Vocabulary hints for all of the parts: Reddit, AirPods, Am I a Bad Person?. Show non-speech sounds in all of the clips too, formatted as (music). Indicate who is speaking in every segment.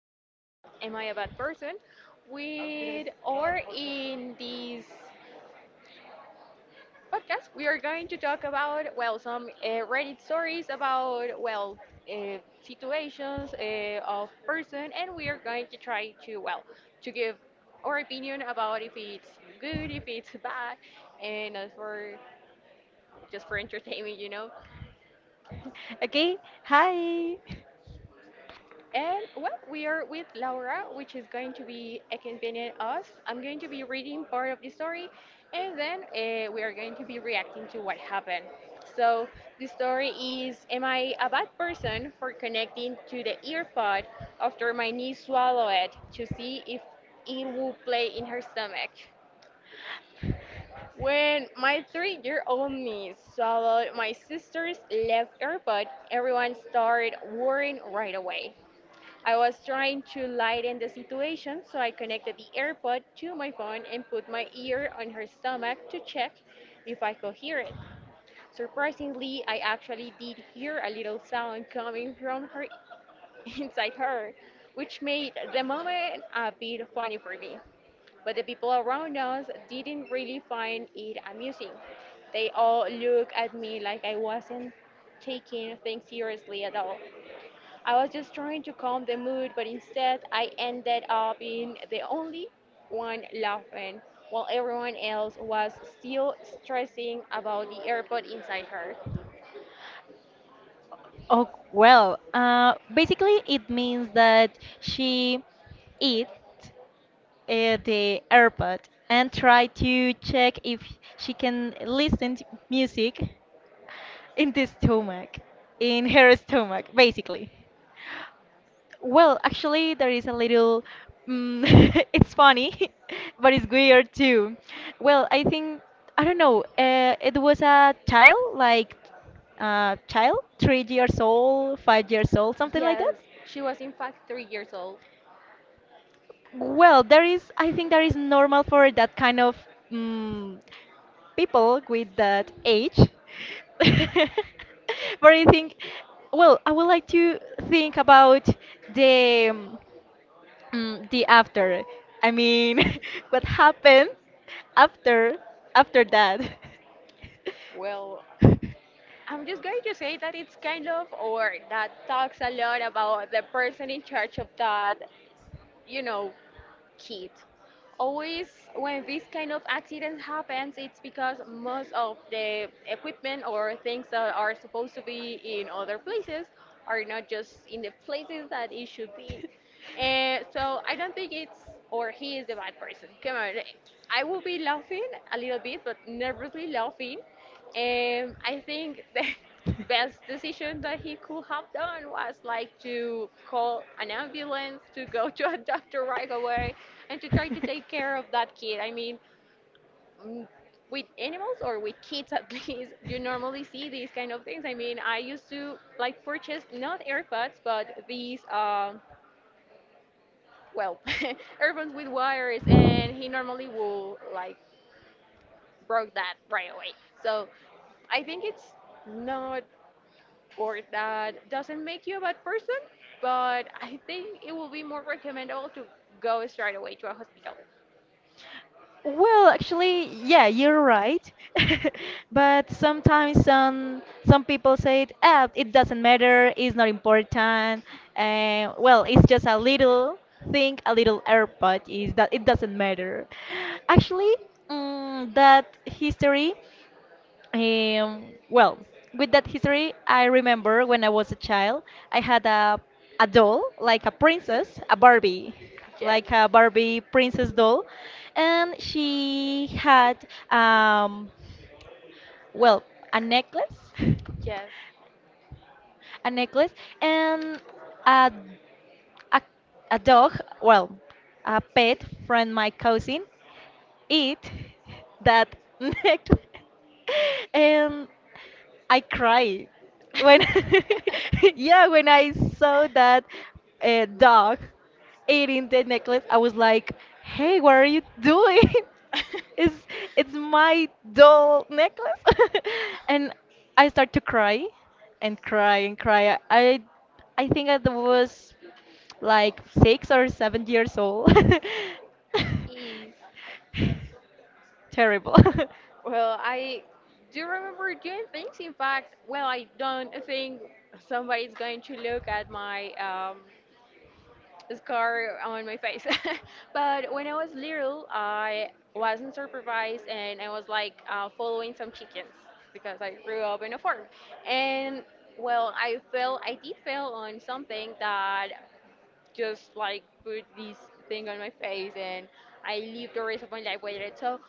Speaker 1: to Am I a Bad Person? With or In this podcast, we are going to talk about, well, some Reddit stories about, well, uh, situations of person, and we are going to try to, well, to give our opinion about if it's good, if it's bad, and as for just for entertainment.
Speaker 2: Okay, hi.
Speaker 1: And, well, we are with Laura, which is going to be accompanying us. I'm going to be reading part of the story, and then we are going to be reacting to what happened. So the story is: Am I a bad person for connecting to the earpod after my niece swallowed it to see if it would play in her stomach? When my three-year-old niece swallowed my sister's left earbud, everyone started worrying right away. I was trying to lighten the situation, so I connected the AirPod to my phone and put my ear on her stomach to check if I could hear it. Surprisingly, I actually did hear a little sound coming from her (laughs) inside her, which made the moment a bit funny for me. But the people around us didn't really find it amusing. They all looked at me like I wasn't taking things seriously at all. I was just trying to calm the mood, but instead I ended up being the only one laughing while everyone else was still stressing about the airport inside her.
Speaker 2: Oh, well, basically it means that she eat the AirPod and try to check if she can listen to music in the stomach, in her stomach, basically. Well, actually, there is a little. (laughs) It's funny, (laughs) but it's weird too. Well, I think I don't know. It was a child, like child, 3 years old, 5 years old, something like that.
Speaker 1: Yes, she was in fact 3 years old.
Speaker 2: Well, there is. I think there is normal for that kind of mm, people with that age. (laughs) But I think, well, I would like to think about the. um, the after. I mean, (laughs) what happened after after that?
Speaker 1: Well, I'm just going to say that it's kind of, or that talks a lot about the person in charge of that, you know, kid. Always, when this kind of accident happens, it's because most of the equipment or things that are supposed to be in other places are not just in the places that it should be. And so I don't think it's, or he is, the bad person. Come on, I will be laughing a little bit, but nervously laughing. I think the (laughs) best decision that he could have done was like to call an ambulance, to go (laughs) to a doctor right away, and to try to take
Speaker 2: (laughs)
Speaker 1: care of that kid. I mean, mm, with animals or with kids at (laughs) least, you normally see these kind of things. I mean, I used to like purchase not AirPods, but these, well, (laughs) AirPods with wires, and he normally will like broke that right away. So I think it's not, or that doesn't make you a bad person, but I think it will be more recommendable to go straight away to a hospital.
Speaker 2: Well, actually, yeah, you're right. (laughs) But sometimes some people say it, it doesn't matter, it's not important. Well, it's just a little thing, a little airpod is that it doesn't matter. Actually, that history. Well, with that history, I remember when I was a child, I had a doll, like a princess, a Barbie,
Speaker 1: Yes.
Speaker 2: like a Barbie princess doll, and she had um, well, a necklace, (laughs)
Speaker 1: Yes.
Speaker 2: a necklace, and a a a dog, well, a pet from my cousin, eat (laughs) that necklace. (laughs) And I cried when (laughs) yeah when I saw that dog eating the necklace. I was like, "Hey, what are you doing? (laughs) it's
Speaker 1: (laughs)
Speaker 2: it's my doll necklace." (laughs) And I start to cry and cry and cry. I think I was like 6 or 7 years old.
Speaker 1: Is
Speaker 2: (laughs) Terrible.
Speaker 1: well, I do remember doing things. In fact, well, I don't think somebody's going to look at my scar on my face. (laughs) But when I was little, I wasn't supervised and I was like following some chickens because I grew up in a farm. And, well, I fell, I did fail on something that just like put this thing on my face, and I lived the rest of my life with it. So,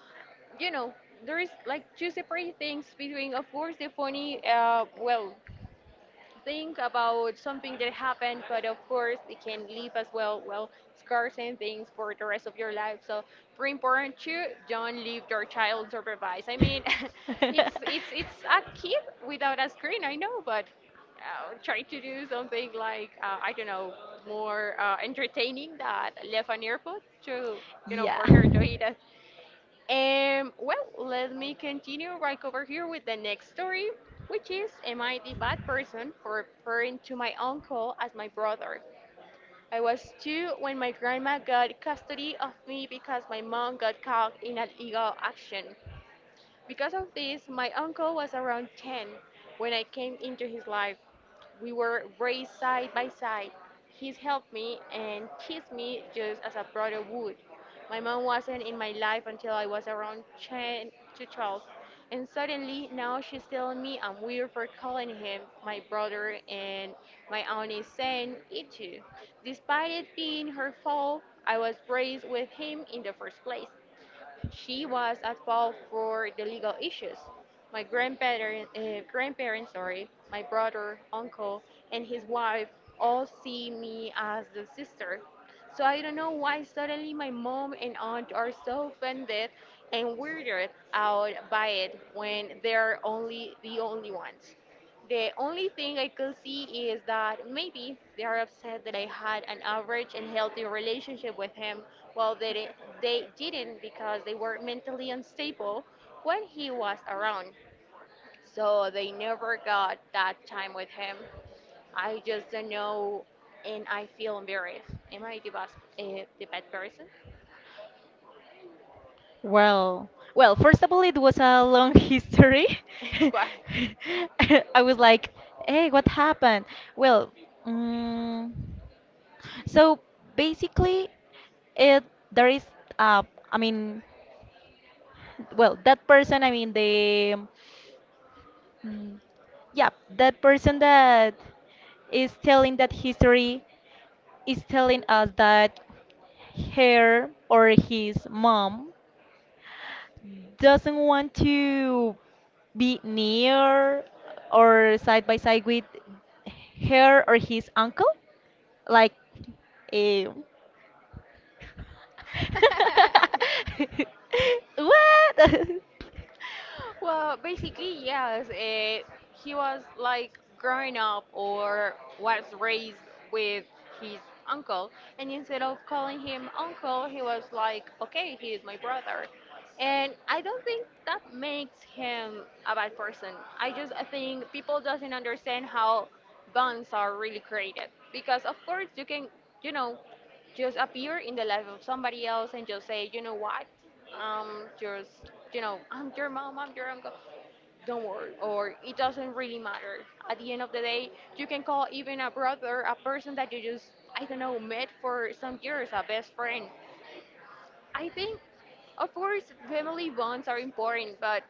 Speaker 1: you know, there is like two separate things between, of course, the funny, well, think about something that happened, but of course it can leave as well, well, scars and things for the rest of your life. So, very important to don't leave your child
Speaker 2: (laughs)
Speaker 1: supervised. I mean, (laughs) it's it's
Speaker 2: (laughs)
Speaker 1: it's a kid without a screen, I know, but try to do something like I don't know, more entertaining that left an earpod to
Speaker 2: Yeah.
Speaker 1: for her to eat. Well, let me continue right over here with the next story, which is: Am I the bad person for referring to my uncle as my brother? I was two when my grandma got custody of me because my mom got caught in a legal action. Because of this, my uncle was around 10 when I came into his life. We were raised side by side. He's helped me and kissed me just as a brother would. My mom wasn't in my life until I was around 10 to 12. And suddenly, now she's telling me I'm weird for calling him my brother, and my aunt is saying it too. Despite it being her fault, I was raised with him in the first place. She was at fault for the legal issues. My grandparents, sorry, my uncle, and his wife all see me as the sister. So I don't know why suddenly my mom and aunt are so offended and weirded out by it when they're only the only ones. The only thing I could see is that maybe they are upset that I had an average and healthy relationship with him, while they didn't, because they were mentally unstable when he was around. So they never got that time with him. I just don't know, and I feel embarrassed. Am I the bad person?
Speaker 2: Well, first of all, it was a long (laughs) history. (laughs)
Speaker 1: (laughs) Why?
Speaker 2: I was like, "Hey, what happened?" Well, mm, so basically, it there is, uh, I mean, well, that person, I mean, the Mm, yeah, that person that is telling that history is telling us that her or his mom doesn't want to be near or side by side with her or his uncle, like eh,
Speaker 1: (laughs)
Speaker 2: (laughs) what? (laughs)
Speaker 1: Well, basically, yes. He was like growing up, or was raised, with his uncle, and instead of calling him uncle, he was like, okay, he is my brother. And I don't think that makes him a bad person. I think people doesn't understand how bonds are really created, because of course you can, you know just appear in the life of somebody else and just say, you know what, just, I'm your mom, I'm your uncle. Don't worry, or it doesn't really matter. At the end of the day, you can call even a brother a person that you just, I don't know, met for some years, a best friend. I think, of course, family bonds are important, but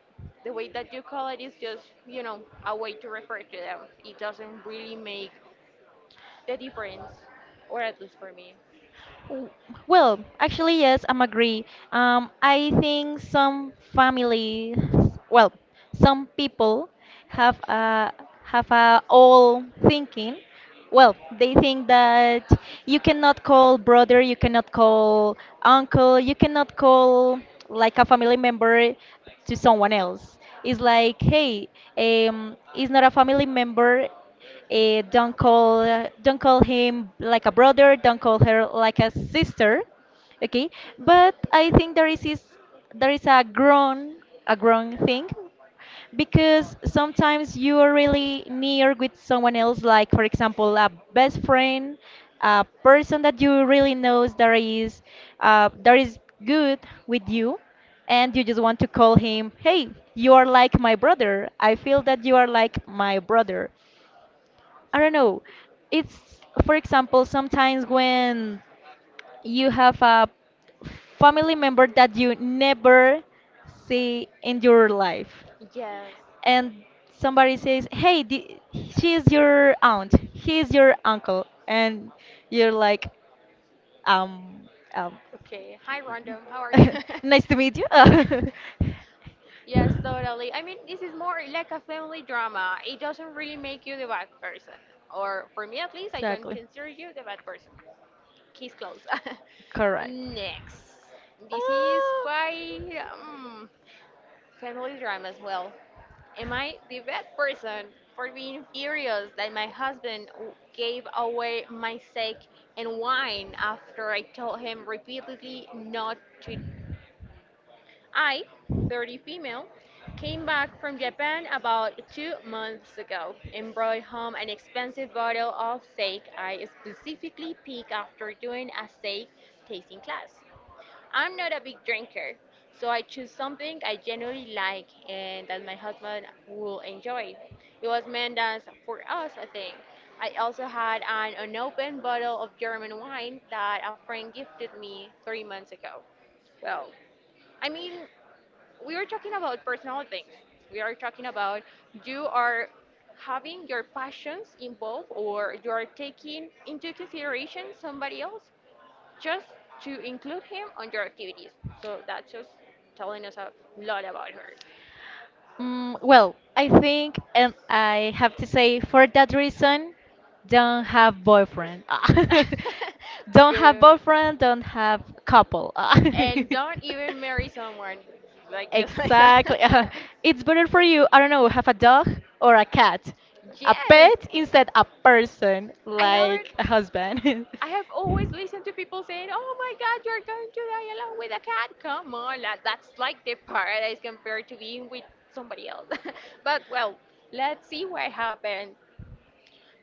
Speaker 1: the way that you call it is just, you know, a way to refer to them. It doesn't really make the difference, or at least for me.
Speaker 2: W- Well, actually, yes, I'm agree. I think some families, well, some people have a have a old thinking. Well, they think that you cannot call brother, you cannot call uncle, you cannot call like a family member to someone else. It's like, hey, it's not a family member. Eh, don't call don't call him like a brother. Don't call her like a sister. Okay, but I think there is a grown thing because sometimes you are really near with someone else, like for example a best friend, a person that you really knows that is uh, that is good with you and you just want to call him, "Hey, you are like my brother. I feel that you are like my brother." I don't know. It's, for example, sometimes when you have a family member that you never see in your life,
Speaker 1: Yes.
Speaker 2: and somebody says, "Hey, she is your aunt. He is your uncle," and you're like, um, um
Speaker 1: Okay. Hi, Random. How are you? (laughs)
Speaker 2: (laughs) nice to meet you. (laughs)
Speaker 1: Yes, totally. I mean, this is more like a family drama. It doesn't really make you the bad person. Or for me, at least, I don't
Speaker 2: Exactly.
Speaker 1: consider you the bad person. Case closed. (laughs)
Speaker 2: Correct.
Speaker 1: Next. This is
Speaker 2: Ah.
Speaker 1: quite family drama as well. Am I the bad person for being furious that my husband gave away my steak and wine after I told him repeatedly not to? I, 30 female, came back from Japan about 2 months ago and brought home an expensive bottle of sake I specifically picked after doing a sake tasting class. I'm not a big drinker, so I choose something I generally like and that my husband will enjoy. It was meant as for us, I think. I also had an unopened bottle of German wine that a friend gifted me 3 months ago. Well, I mean, we are talking about personal things. We are talking about: you are having your passions involved, or you are taking into consideration somebody else just to include him on your activities. So that's just telling us a lot about her.
Speaker 2: Well, I think, and I have to say, for that reason, don't have boyfriend. (laughs)
Speaker 1: (laughs)
Speaker 2: Don't have
Speaker 1: Good.
Speaker 2: boyfriend, don't have couple.
Speaker 1: And don't even marry someone
Speaker 2: (laughs)
Speaker 1: like just like
Speaker 2: Exactly.
Speaker 1: that. (laughs)
Speaker 2: (laughs) It's better for you, I don't know, have a dog or a cat. A
Speaker 1: Yes.
Speaker 2: pet instead a person,
Speaker 1: I haven't.
Speaker 2: like a husband. (laughs)
Speaker 1: I have always listened to people saying, "Oh my God, you're going to die alone with a cat." Come on, lad, that's like the paradise compared to being with somebody else. (laughs) But, well, let's see what happens.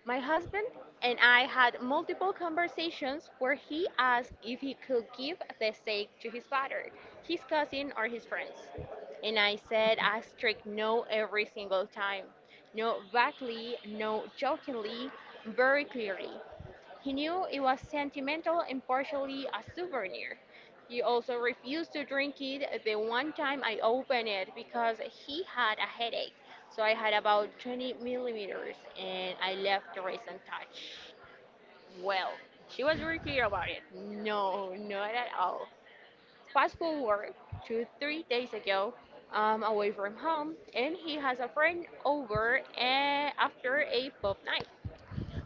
Speaker 1: My husband and I had multiple conversations where he asked if he could give the steak to his father, his cousin, or his friends. And I said a strict no every single time. No vaguely, no jokingly, very clearly. He knew it was sentimental and partially a souvenir. He also refused to drink it the one time I opened it because he had a headache. So I had about 20 mL milliliters and I left the rest untouched. Well, she was very clear about it. No, not at all. Fast forward to 3 days ago, I'm away from home and he has a friend over after a pub night.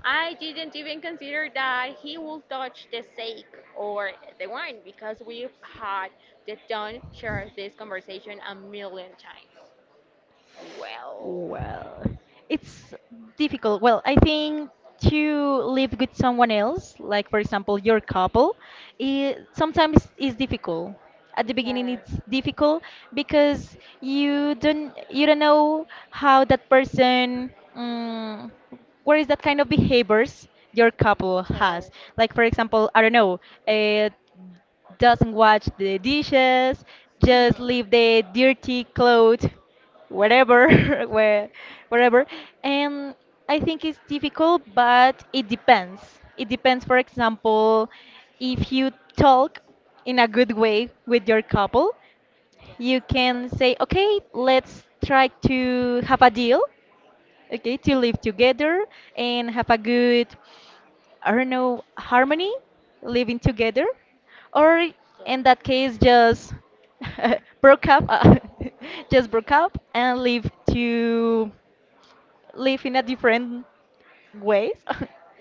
Speaker 1: I didn't even consider that he would touch the sake or the wine because we've had the Don share this conversation a million times. Well,
Speaker 2: Well, it's difficult. Well, I think to live with someone else, like for example your couple, it sometimes is difficult. At the beginning, it's
Speaker 1: yes.
Speaker 2: difficult because you don't know how that person, um, what is that kind of behaviors your couple has. Like
Speaker 1: Yes.
Speaker 2: for example, I don't know, uh, doesn't wash the dishes,
Speaker 1: Hmm.
Speaker 2: just leave the dirty clothes wherever (laughs) where wherever. And I think it's difficult, but It depends for example if you talk in a good way with your couple, you
Speaker 1: Yeah.
Speaker 2: can say okay, let's try to have a deal, okay, to live together and have a good, I don't know, harmony, living together, or in that case,
Speaker 1: Yeah.
Speaker 2: just (laughs) broke up, (laughs) just broke up and live in a different ways.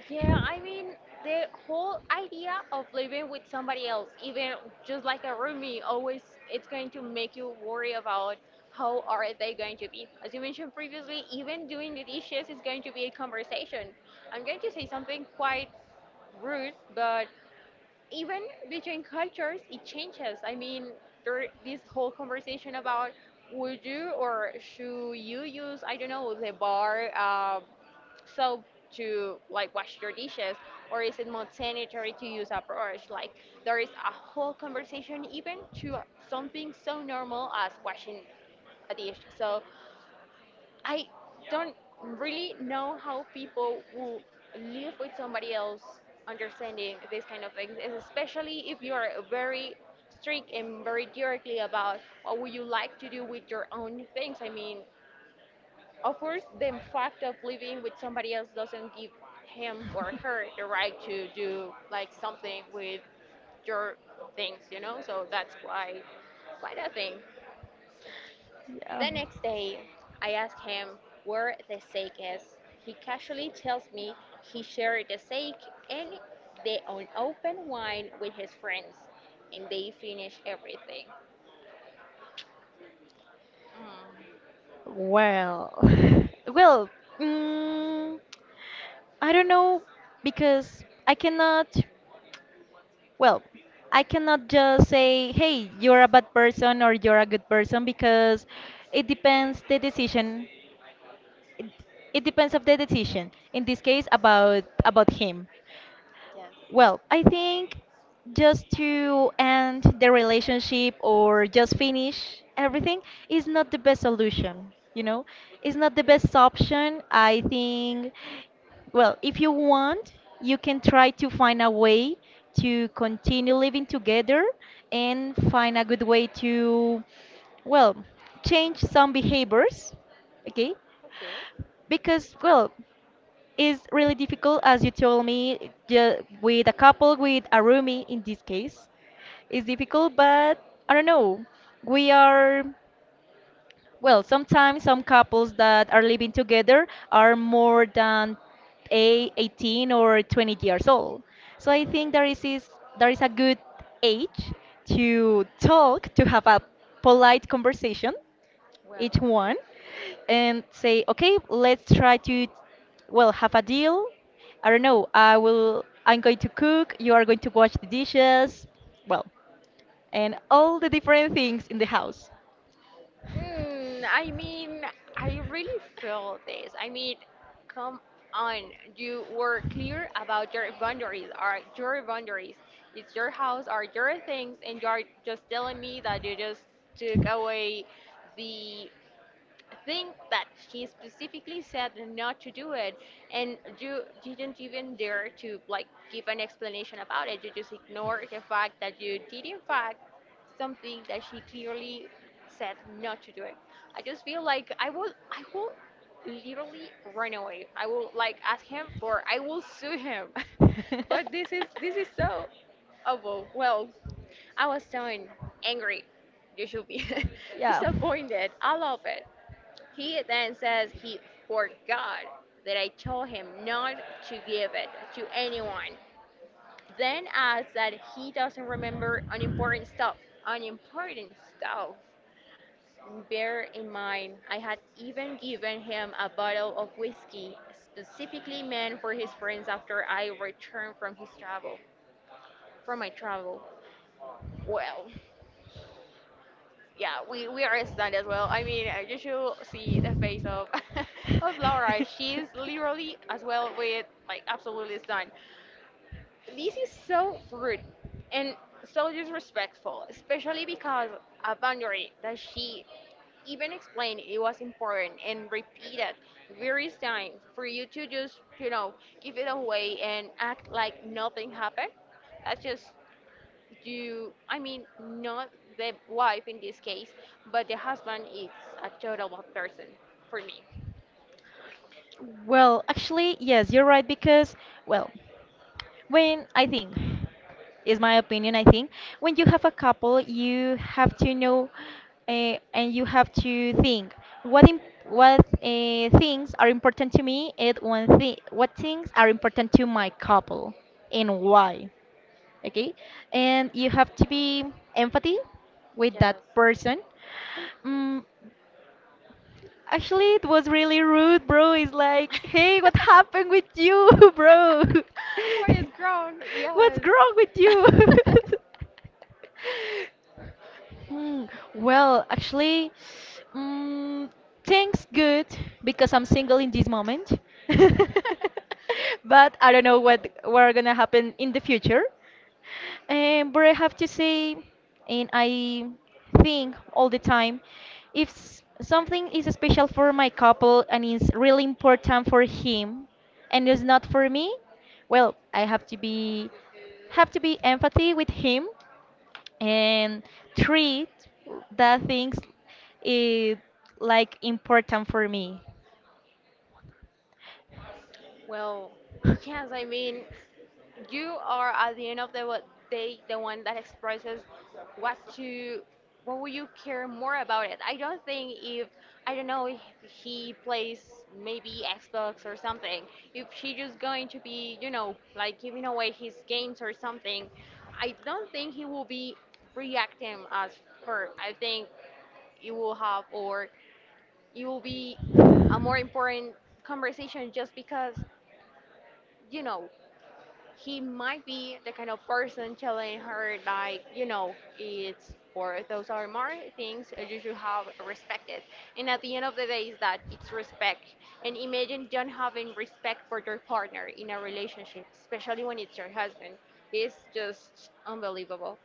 Speaker 1: Yeah,
Speaker 2: (laughs)
Speaker 1: I mean, the whole idea of living with somebody else, even just like a roomie, always it's going to make you worry about how are they going to be. As you mentioned previously, even doing the dishes is going to be a conversation. I'm going to say something quite rude, but even between cultures it changes. I mean, there this whole conversation about would you or should you use, I don't know, the bar soap to like wash your dishes, or is it more sanitary to use a brush? Like, there is a whole conversation even to something so normal as washing a dish. So I don't really know how people will live with somebody else understanding these kind of things, especially if you're very strict and very directly about what would you like to do with your own things. I mean, of course, the fact of living with somebody else doesn't give him or her the right to do like something with your things. So that's quite a thing.
Speaker 2: Yeah.
Speaker 1: The next day, I ask him where the steak is. He casually tells me he shared the steak and the unopened wine with his friends, and they finished everything. Mm,
Speaker 2: Well, (laughs) well, mm, I don't know because I cannot. Well, I cannot just say, "Hey, you're a bad person," or "You're a good person," because it depends the decision it it depends of the decision in this case about him.
Speaker 1: yes.
Speaker 2: Well, I think just to end the relationship or just finish everything is not the best solution. It's not the
Speaker 1: Mm.
Speaker 2: best option, I think. Well, if you want, you can try to find a way to continue living together and find a good way to, well, change some behaviors, okay,
Speaker 1: Okay,
Speaker 2: because, well, is really difficult, as you told me, with a couple, with a roomie in this case. It's difficult, but I don't know. We are, Sometimes some couples that are living together are more than a 18 or 20 years old. So I think there is a good age to talk, to have a polite conversation each
Speaker 1: well.
Speaker 2: one and say, okay, let's try to, well, have a deal. I don't know. I will. I'm going to cook. You are going to wash the dishes. Well, and all the different things in the house.
Speaker 1: I mean, I really feel this. I mean, come on. You were clear about your boundaries. Are your boundaries? It's your house. Are your things? And you are just telling me that you just took away the thing that he specifically said not to do it, and you didn't even dare to like give an explanation about it. You just ignore the fact that you did, in fact, something that she clearly said not to do it. I just feel like I will literally run away. I will like ask him, or I will sue him (laughs)
Speaker 2: (laughs)
Speaker 1: but this is so awful. Well, I was so angry. You should be (laughs)
Speaker 2: Yeah. (laughs)
Speaker 1: disappointed. I love it. He then says he forgot that I told him not to give it to anyone. Then adds that he doesn't remember unimportant stuff. Unimportant stuff. Bear in mind, I had even given him a bottle of whiskey specifically meant for his friends after I returned from his travel, from my travel. Well, yeah, we are stunned as well. I mean, you should see the face of (laughs) of Laura. She's literally as well with like absolutely stunned. This is so rude and so disrespectful, especially because a boundary that she even explained it was important and repeated various times for you to just give it away and act like nothing happened. That's just do, I mean, not the wife in this case, but the husband is a total bad person for me.
Speaker 2: Well, actually, yes, you're right because, well, When I think, is my opinion, I think, when you have a couple, you have to know and you have to think what things are important to me and one thing what things are important to my couple and why, okay, and you have to be empathy with that
Speaker 1: Yes.
Speaker 2: person. Mm Actually, it was really rude, bro. It's like, hey, what happened with you, (laughs)
Speaker 1: (laughs)
Speaker 2: bro?
Speaker 1: What is
Speaker 2: (laughs)
Speaker 1: grown?
Speaker 2: What's
Speaker 1: Yes.
Speaker 2: wrong with you? (laughs) Hmm. Well, actually, mm, things good because I'm single in this moment. (laughs) But I don't know what are gonna happen in the future. But I have to say, and I think all the time, if something is special for my couple and is really important for him, and is not for me, well, I have to be empathy with him and treat that things eh, like important for me.
Speaker 1: (laughs) Well,
Speaker 2: (laughs)
Speaker 1: yes. I mean, you are at the end of the day, the one that expresses what you what would you care more about it. I don't know if he plays maybe xbox or something. If she just going to be like giving away his games or something, I don't think he will be reacting as her. I think it will have or it will be a more important conversation just because you know he might be the kind of person telling her like, it's, or those are more things you should have respected. And at the end of the day is that it's respect. And imagine don't having respect for your partner in a relationship, especially when it's your husband. It's just unbelievable.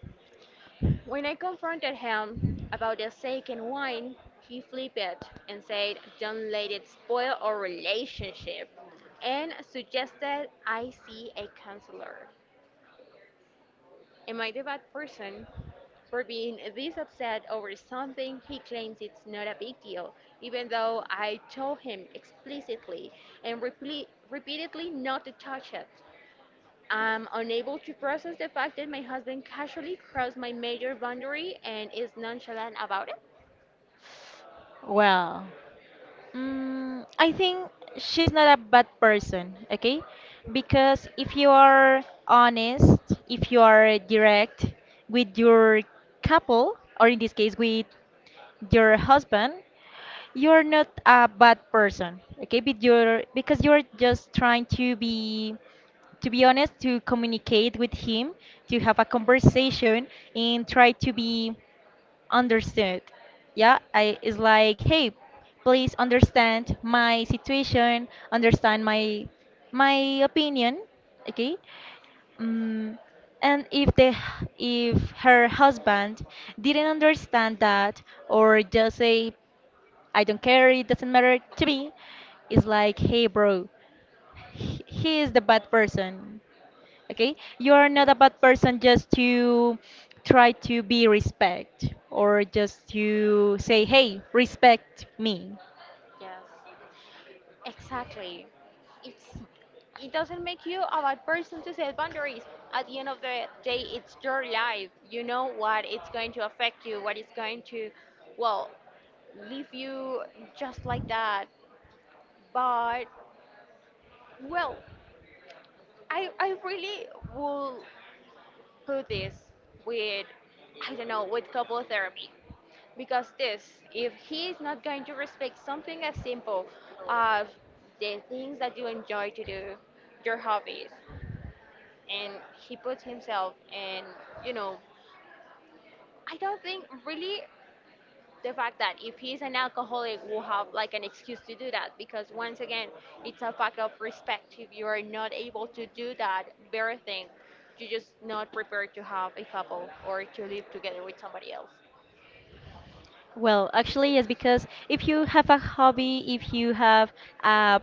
Speaker 1: When I confronted him about the second wine, he flipped it and said, don't let it spoil our relationship, and suggested I see a counselor. Am I the bad person for being this upset over something he claims it's not a big deal, even though I told him explicitly and repeatedly not to touch it? I'm unable to process the fact that my husband casually crossed my major boundary and is nonchalant about it.
Speaker 2: Well. I think she's not a bad person, okay? Because if you are honest, if you are direct with your couple, or in this case with your husband, you're not a bad person, okay, but you're, because you're just trying to be honest, to communicate with him, to have a conversation and try to be understood. Yeah, I it's like, hey, please understand my situation, understand my opinion, okay. Mm, and if the if her husband didn't understand that or just say, "I don't care, it doesn't matter to me," it's like, hey, bro, he is the bad person. Okay? You are not
Speaker 1: Yeah.
Speaker 2: a bad person just to try to be respect or just to say, hey, respect me.
Speaker 1: Yes. Exactly. It's it doesn't make you a bad person to set boundaries. At the end of the day, it's your life. You know what it's going to affect you, what it's going to, well, leave you just like that. But well, I really will put this with, I don't know, with couple therapy, because this, if he is not going to respect something as simple as the things that you enjoy to do, your hobbies. And he puts himself in, you know, I don't think really the fact that if he's an alcoholic will have like an excuse to do that, because once again, it's a fact of respect. If you are not able to do that very thing, you're just not prepared to have a couple or to live together with somebody else.
Speaker 2: Well, actually, yes, because if you have a hobby, if you have a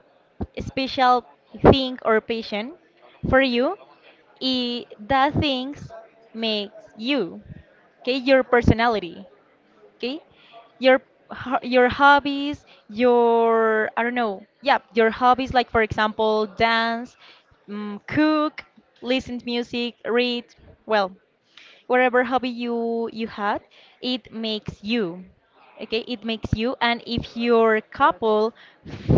Speaker 2: special thing or passion for you, I that things makes you, okay, your personality. Okay, your your hobbies, your, I don't know, yeah, your hobbies, like for example dance, cook, listen to music, read, well, whatever hobby you had, it makes you, okay, it makes you. And if your couple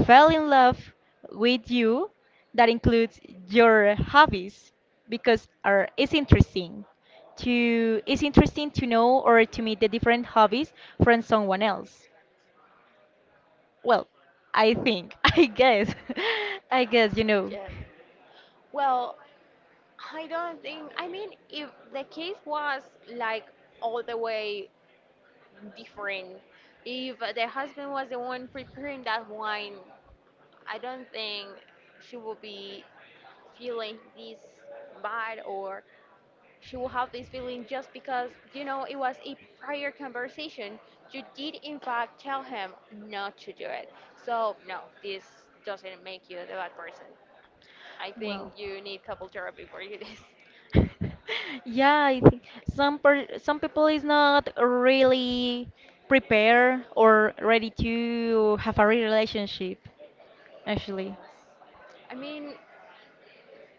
Speaker 2: fell in love with you, that includes your hobbies, because are it's interesting to know or to meet the different hobbies from someone else. Well, I think (laughs) I guess (laughs) I guess, you know.
Speaker 1: Yeah. Well, I don't think, I mean, if the case was like all the way different, if the husband was the one preparing that wine, I don't think she will be feeling this bad, or she will have this feeling just because, it was a prior conversation. You did, in fact, tell him not to do it. So, no, this doesn't make you the bad person. I think
Speaker 2: Well,
Speaker 1: you need couple therapy for you (laughs) this.
Speaker 2: (laughs) yeah, I think some people is not really prepared or ready to have a relationship, actually.
Speaker 1: Yes. I mean,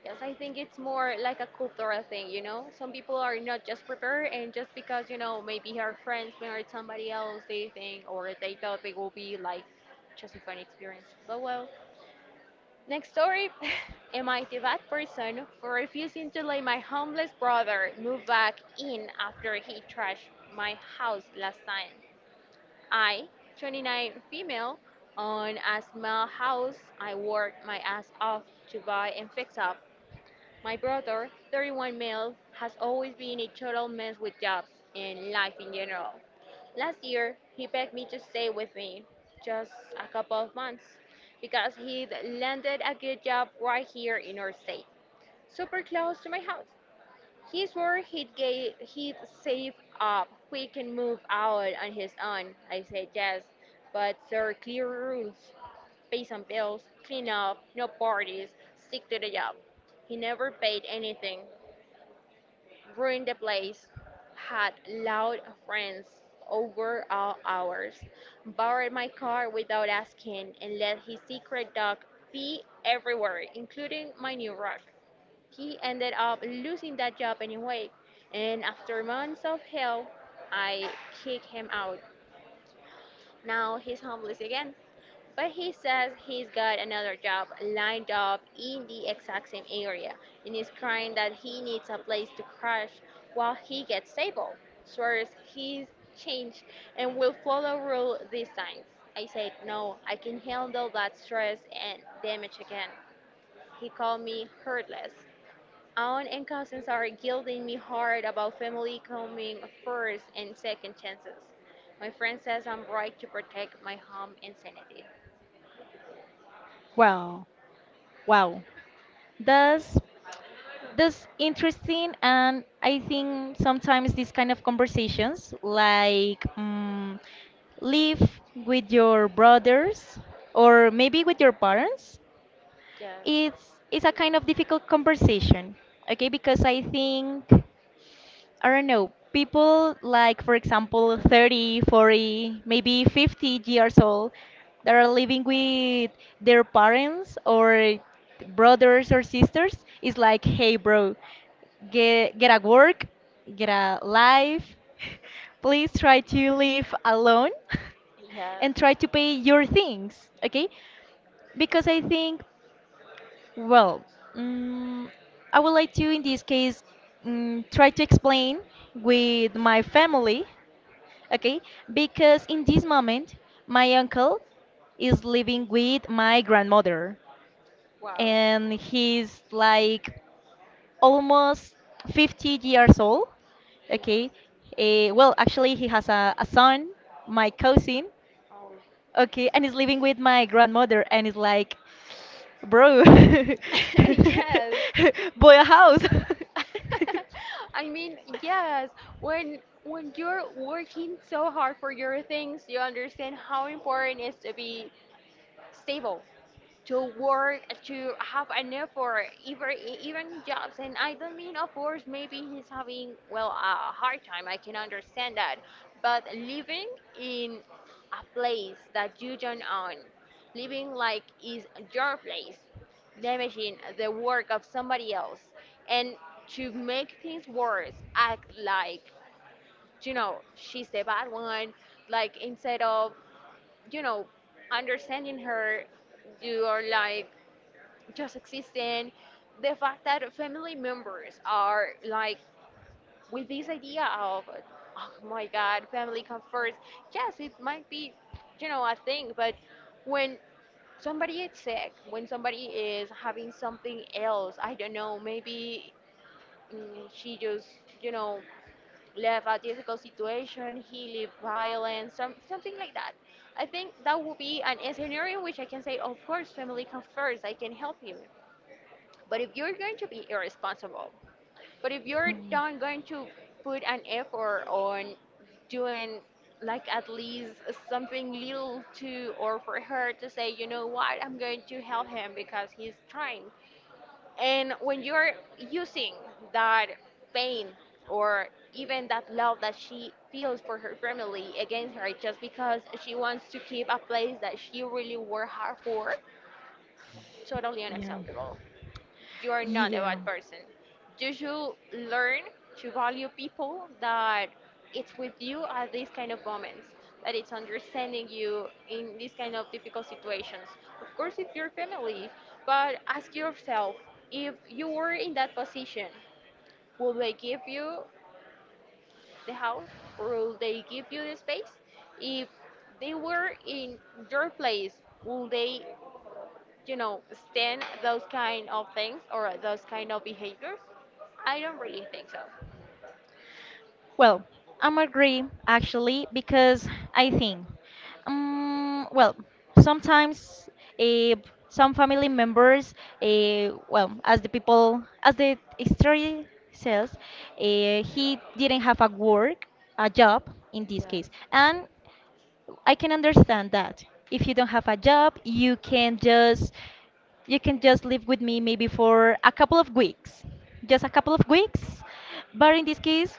Speaker 1: yes, I think it's more like a cultural thing, you know? Some people are not just prepared, and just because, maybe her friends married somebody else, they think or they thought it will be like just a fun experience. But well, next story. (laughs) Am I the bad person for refusing to let my homeless brother move back in after he trashed my house last time? I, 29 female, own a small house. I worked my ass off to buy and fix up my brother, 31 male, has always been a total mess with jobs and life in general. Last year, he begged me to stay with me just a couple of months because he'd landed a good job right here in our state, super close to my house. He swore he'd save up, we can move out on his own. I said yes, but there are clear rules: pay some bills, clean up, no parties, stick to the job. He never paid anything, ruined the place, had loud friends over all hours, borrowed my car without asking, and let his secret dog pee everywhere, including my new rug. He ended up losing that job anyway, and after months of hell, I kicked him out. Now he's homeless again, but he says he's got another job lined up in the exact same area and is crying that he needs a place to crash while he gets stable. Swears he's changed and will follow rule these times. I said, no, I can handle that stress and damage again. He called me heartless. Aunt and cousins are guilting me hard about family coming first and second chances. My friend says I'm right to protect my home and sanity.
Speaker 2: Wow, wow. That's that's interesting, and I think sometimes these kind of conversations, like live with your brothers or maybe with your parents,
Speaker 1: Yes.
Speaker 2: it's a kind of difficult conversation, okay? Because I think. I don't know, people like, for example, 30, 40, maybe 50 years old that are living with their parents or brothers or sisters is like, hey, bro, get a work, get a life. (laughs) Please try to live alone (laughs)
Speaker 1: Yes.
Speaker 2: and try to pay your things, okay? Because I think, well, mm, I would like to, in this case, try to explain with my family, okay? Because in this moment, my uncle is living with my grandmother,
Speaker 1: Wow.
Speaker 2: and he's like almost 50 years old,
Speaker 1: Yes.
Speaker 2: okay? Well, actually, he has a son, my cousin.
Speaker 1: Oh.
Speaker 2: Okay, and he's living with my grandmother, and it's like, bro, (laughs) buy
Speaker 1: (laughs) Yes.
Speaker 2: a house. (laughs)
Speaker 1: (laughs) I mean, yes. When you're working so hard for your things, you understand how important it is to be stable. To work, to have an effort, even jobs. And I don't mean, of course, maybe he's having well a hard time. I can understand that, but living in a place that you don't own, living like is your place, damaging the work of somebody else, and to make things worse, act like she's the bad one, like instead of you know understanding her, you are like just existing. The fact that family members are like with this idea of, oh my God, family comes first. Yes, it might be, a thing, but when somebody is sick, when somebody is having something else, I don't know, maybe she just, you know, left a difficult situation, he lived violence, something like that. I think that would be an scenario in which I can say, of course, family comes first, I can help you. But if you're going to be irresponsible, but if you're
Speaker 2: Hmm.
Speaker 1: not going to put an effort on doing like at least something little to or for her to say, you know what, I'm going to help him because he's trying. And when you're using that pain or even that love that she feels for her family against her just because she wants to keep a place that she really worked hard for, totally
Speaker 2: Yeah.
Speaker 1: unacceptable. You are not a
Speaker 2: Yeah.
Speaker 1: bad person. You should learn to value people that it's with you at these kind of moments, that it's understanding you in these kind of difficult situations. Of course, it's your family, but ask yourself, if you were in that position, will they give you the house? Will they give you the space? If they were in your place, will they, you know, stand those kind of things or those kind of behaviors? I don't really think so.
Speaker 2: Well, I'm agree actually because I think, well, sometimes eh, some family members, well, as the people, as the story says, he didn't have a work, a job in this
Speaker 1: Yes.
Speaker 2: case, and I can understand that. If you don't have a job, you can just live with me maybe for a couple of weeks. Just a couple of weeks. But in this case,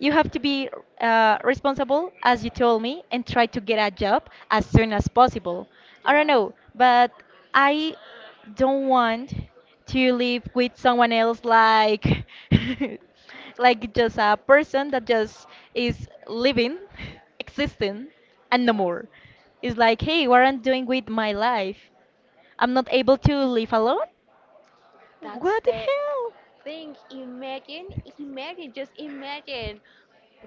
Speaker 2: you have to be responsible, as you told me, and try to get a job as soon as possible. I don't
Speaker 1: Yes.
Speaker 2: know, but I don't want to live with someone else, like (laughs) like just a person that just is living, (laughs) existing, and no
Speaker 1: Yes.
Speaker 2: more. It's like, hey, what I'm doing with my life? I'm not able to live alone?
Speaker 1: That's
Speaker 2: What the
Speaker 1: the
Speaker 2: hell?
Speaker 1: think. Imagine imagine Just imagine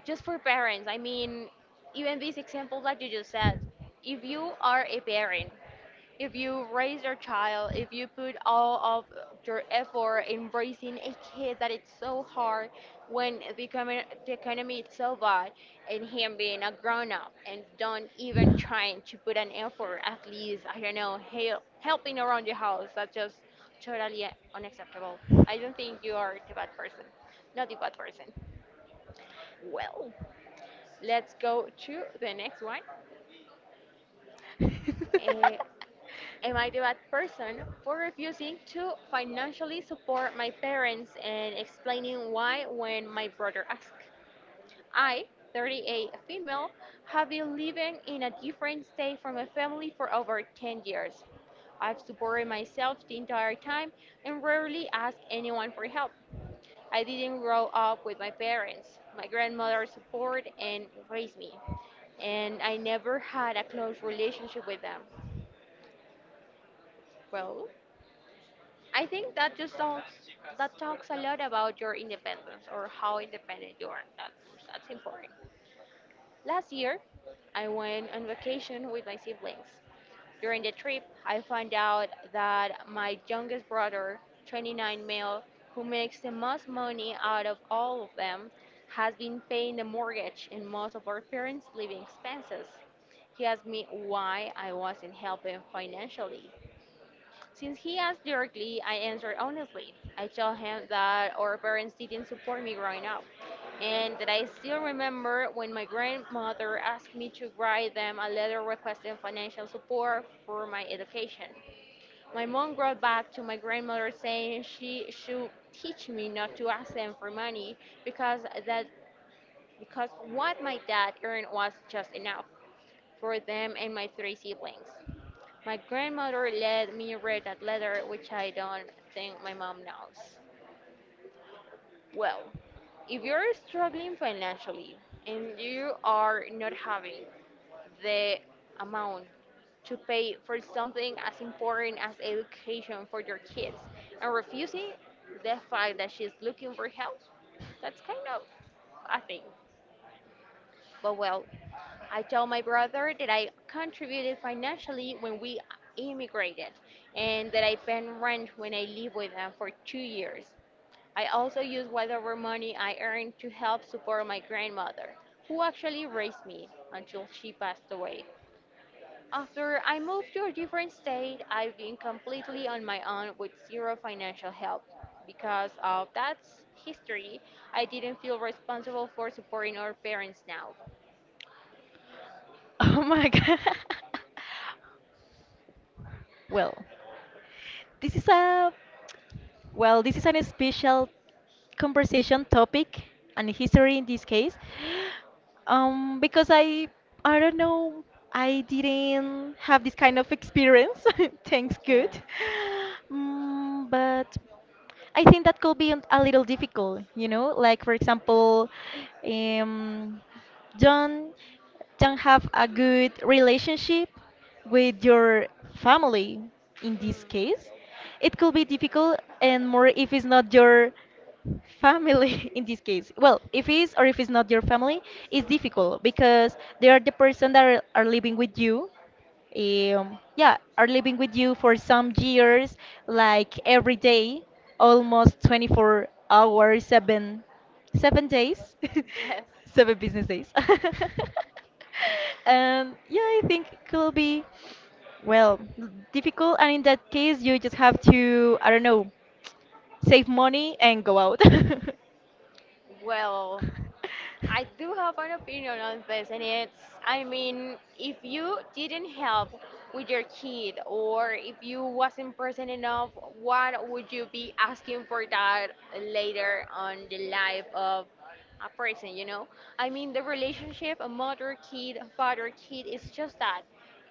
Speaker 1: just for parents, I mean, even this example that you just said, if you are a parent, if you raise your child, if you put all of your effort in raising a kid that it's so hard when the economy is so bad, and him being a grown up and don't even trying to put an effort at least, I don't know, helping around the house, that's just totally unacceptable. I don't think you are the bad person, not the bad person. Well, let's go to the next one. Eh,
Speaker 2: (laughs)
Speaker 1: Am I the bad person for refusing to financially support my parents and explaining why when my brother asked? I, 38 a female, have been living in a different state from my family for over 10 years. I've supported myself the entire time and rarely asked anyone for help. I didn't grow up with my parents. My grandmother supported and raised me, and I never had a close relationship with them. Well, I think that just talks a lot about your independence or how independent you are. That's important. Last year, I went on vacation with my siblings. During the trip, I found out that my youngest brother, 29 male, who makes the most money out of all of them, has been paying the mortgage and most of our parents' living expenses. He asked me why I wasn't helping financially. Since he asked directly, I answered honestly. I told him that our parents didn't support me growing up, and that I still remember when my grandmother asked me to write them a letter requesting financial support for my education. My mom wrote back to my grandmother saying she should teach me not to ask them for money because that because what my dad earned was just enough for them and my three siblings. My grandmother let me read that letter, which I don't think my mom knows. Well, if you're struggling financially and you are not having the amount to pay for something as important as education for your kids and refusing the fact that she's looking for help, that's kind of a thing. But well, I told my brother that I contributed financially when we immigrated and that I paid rent when I lived with them for 2 years. I also used whatever money I earned to help support my grandmother, who actually raised me until she passed away. After I moved to a different state, I've been completely on my own with zero financial help. Because of that history, I didn't feel responsible for supporting our parents now.
Speaker 2: Oh my god. (laughs) Well, this is a well, this is a special conversation topic and history in this case. Because I don't know, I didn't have this kind of experience. (laughs) Thanks good.
Speaker 1: Yes.
Speaker 2: But I think that could be a little difficult, like for example, um, don't don't have a good relationship with your family in this
Speaker 1: Mm.
Speaker 2: case, it could be difficult, and more if it's not your family (laughs) in this case. Well, if it's or if it's not your family, it's difficult because they are the person that are living with you. Yeah, are living with you for some years, like every day, almost 24 hours, seven days,
Speaker 1: Yes.
Speaker 2: (laughs) seven business days. (laughs) And yeah, I think it could be, well, difficult. And in that case, you just have to, I don't know, save money and go out. (laughs)
Speaker 1: Well, I do have an opinion on this, and it's, I mean, if you didn't help with your kid or if you wasn't present enough, what would you be asking for that later on the life of a person, you know? I mean, the relationship a mother kid, father kid is just that.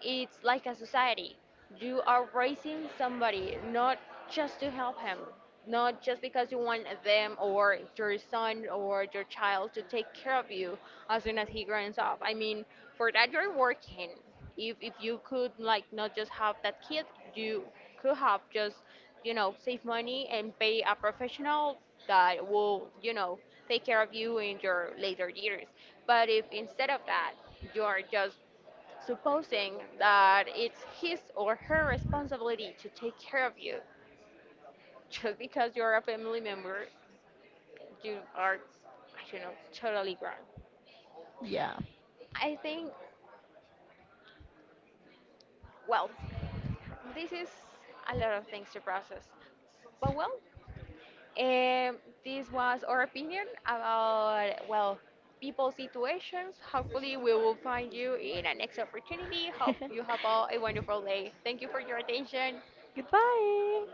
Speaker 1: It's like a society. You are raising somebody, not just to help him, not just because you want them or your son or your child to take care of you as soon as he grows up. I mean, for that you're working. If you could like not just have that kid, you could have just you know save money and pay a professional that will you know take care of you in your later years. But if instead of that you are just supposing that it's his or her responsibility to take care of you just because you're a family member you are I don't know totally wrong.
Speaker 2: Yeah.
Speaker 1: I think, well, this is a lot of things to process, but well, um, this was our opinion about, well, people's situations. Hopefully we will find you in a next opportunity. Hope you have
Speaker 2: (laughs)
Speaker 1: all a wonderful day. Thank you for your attention.
Speaker 2: Goodbye.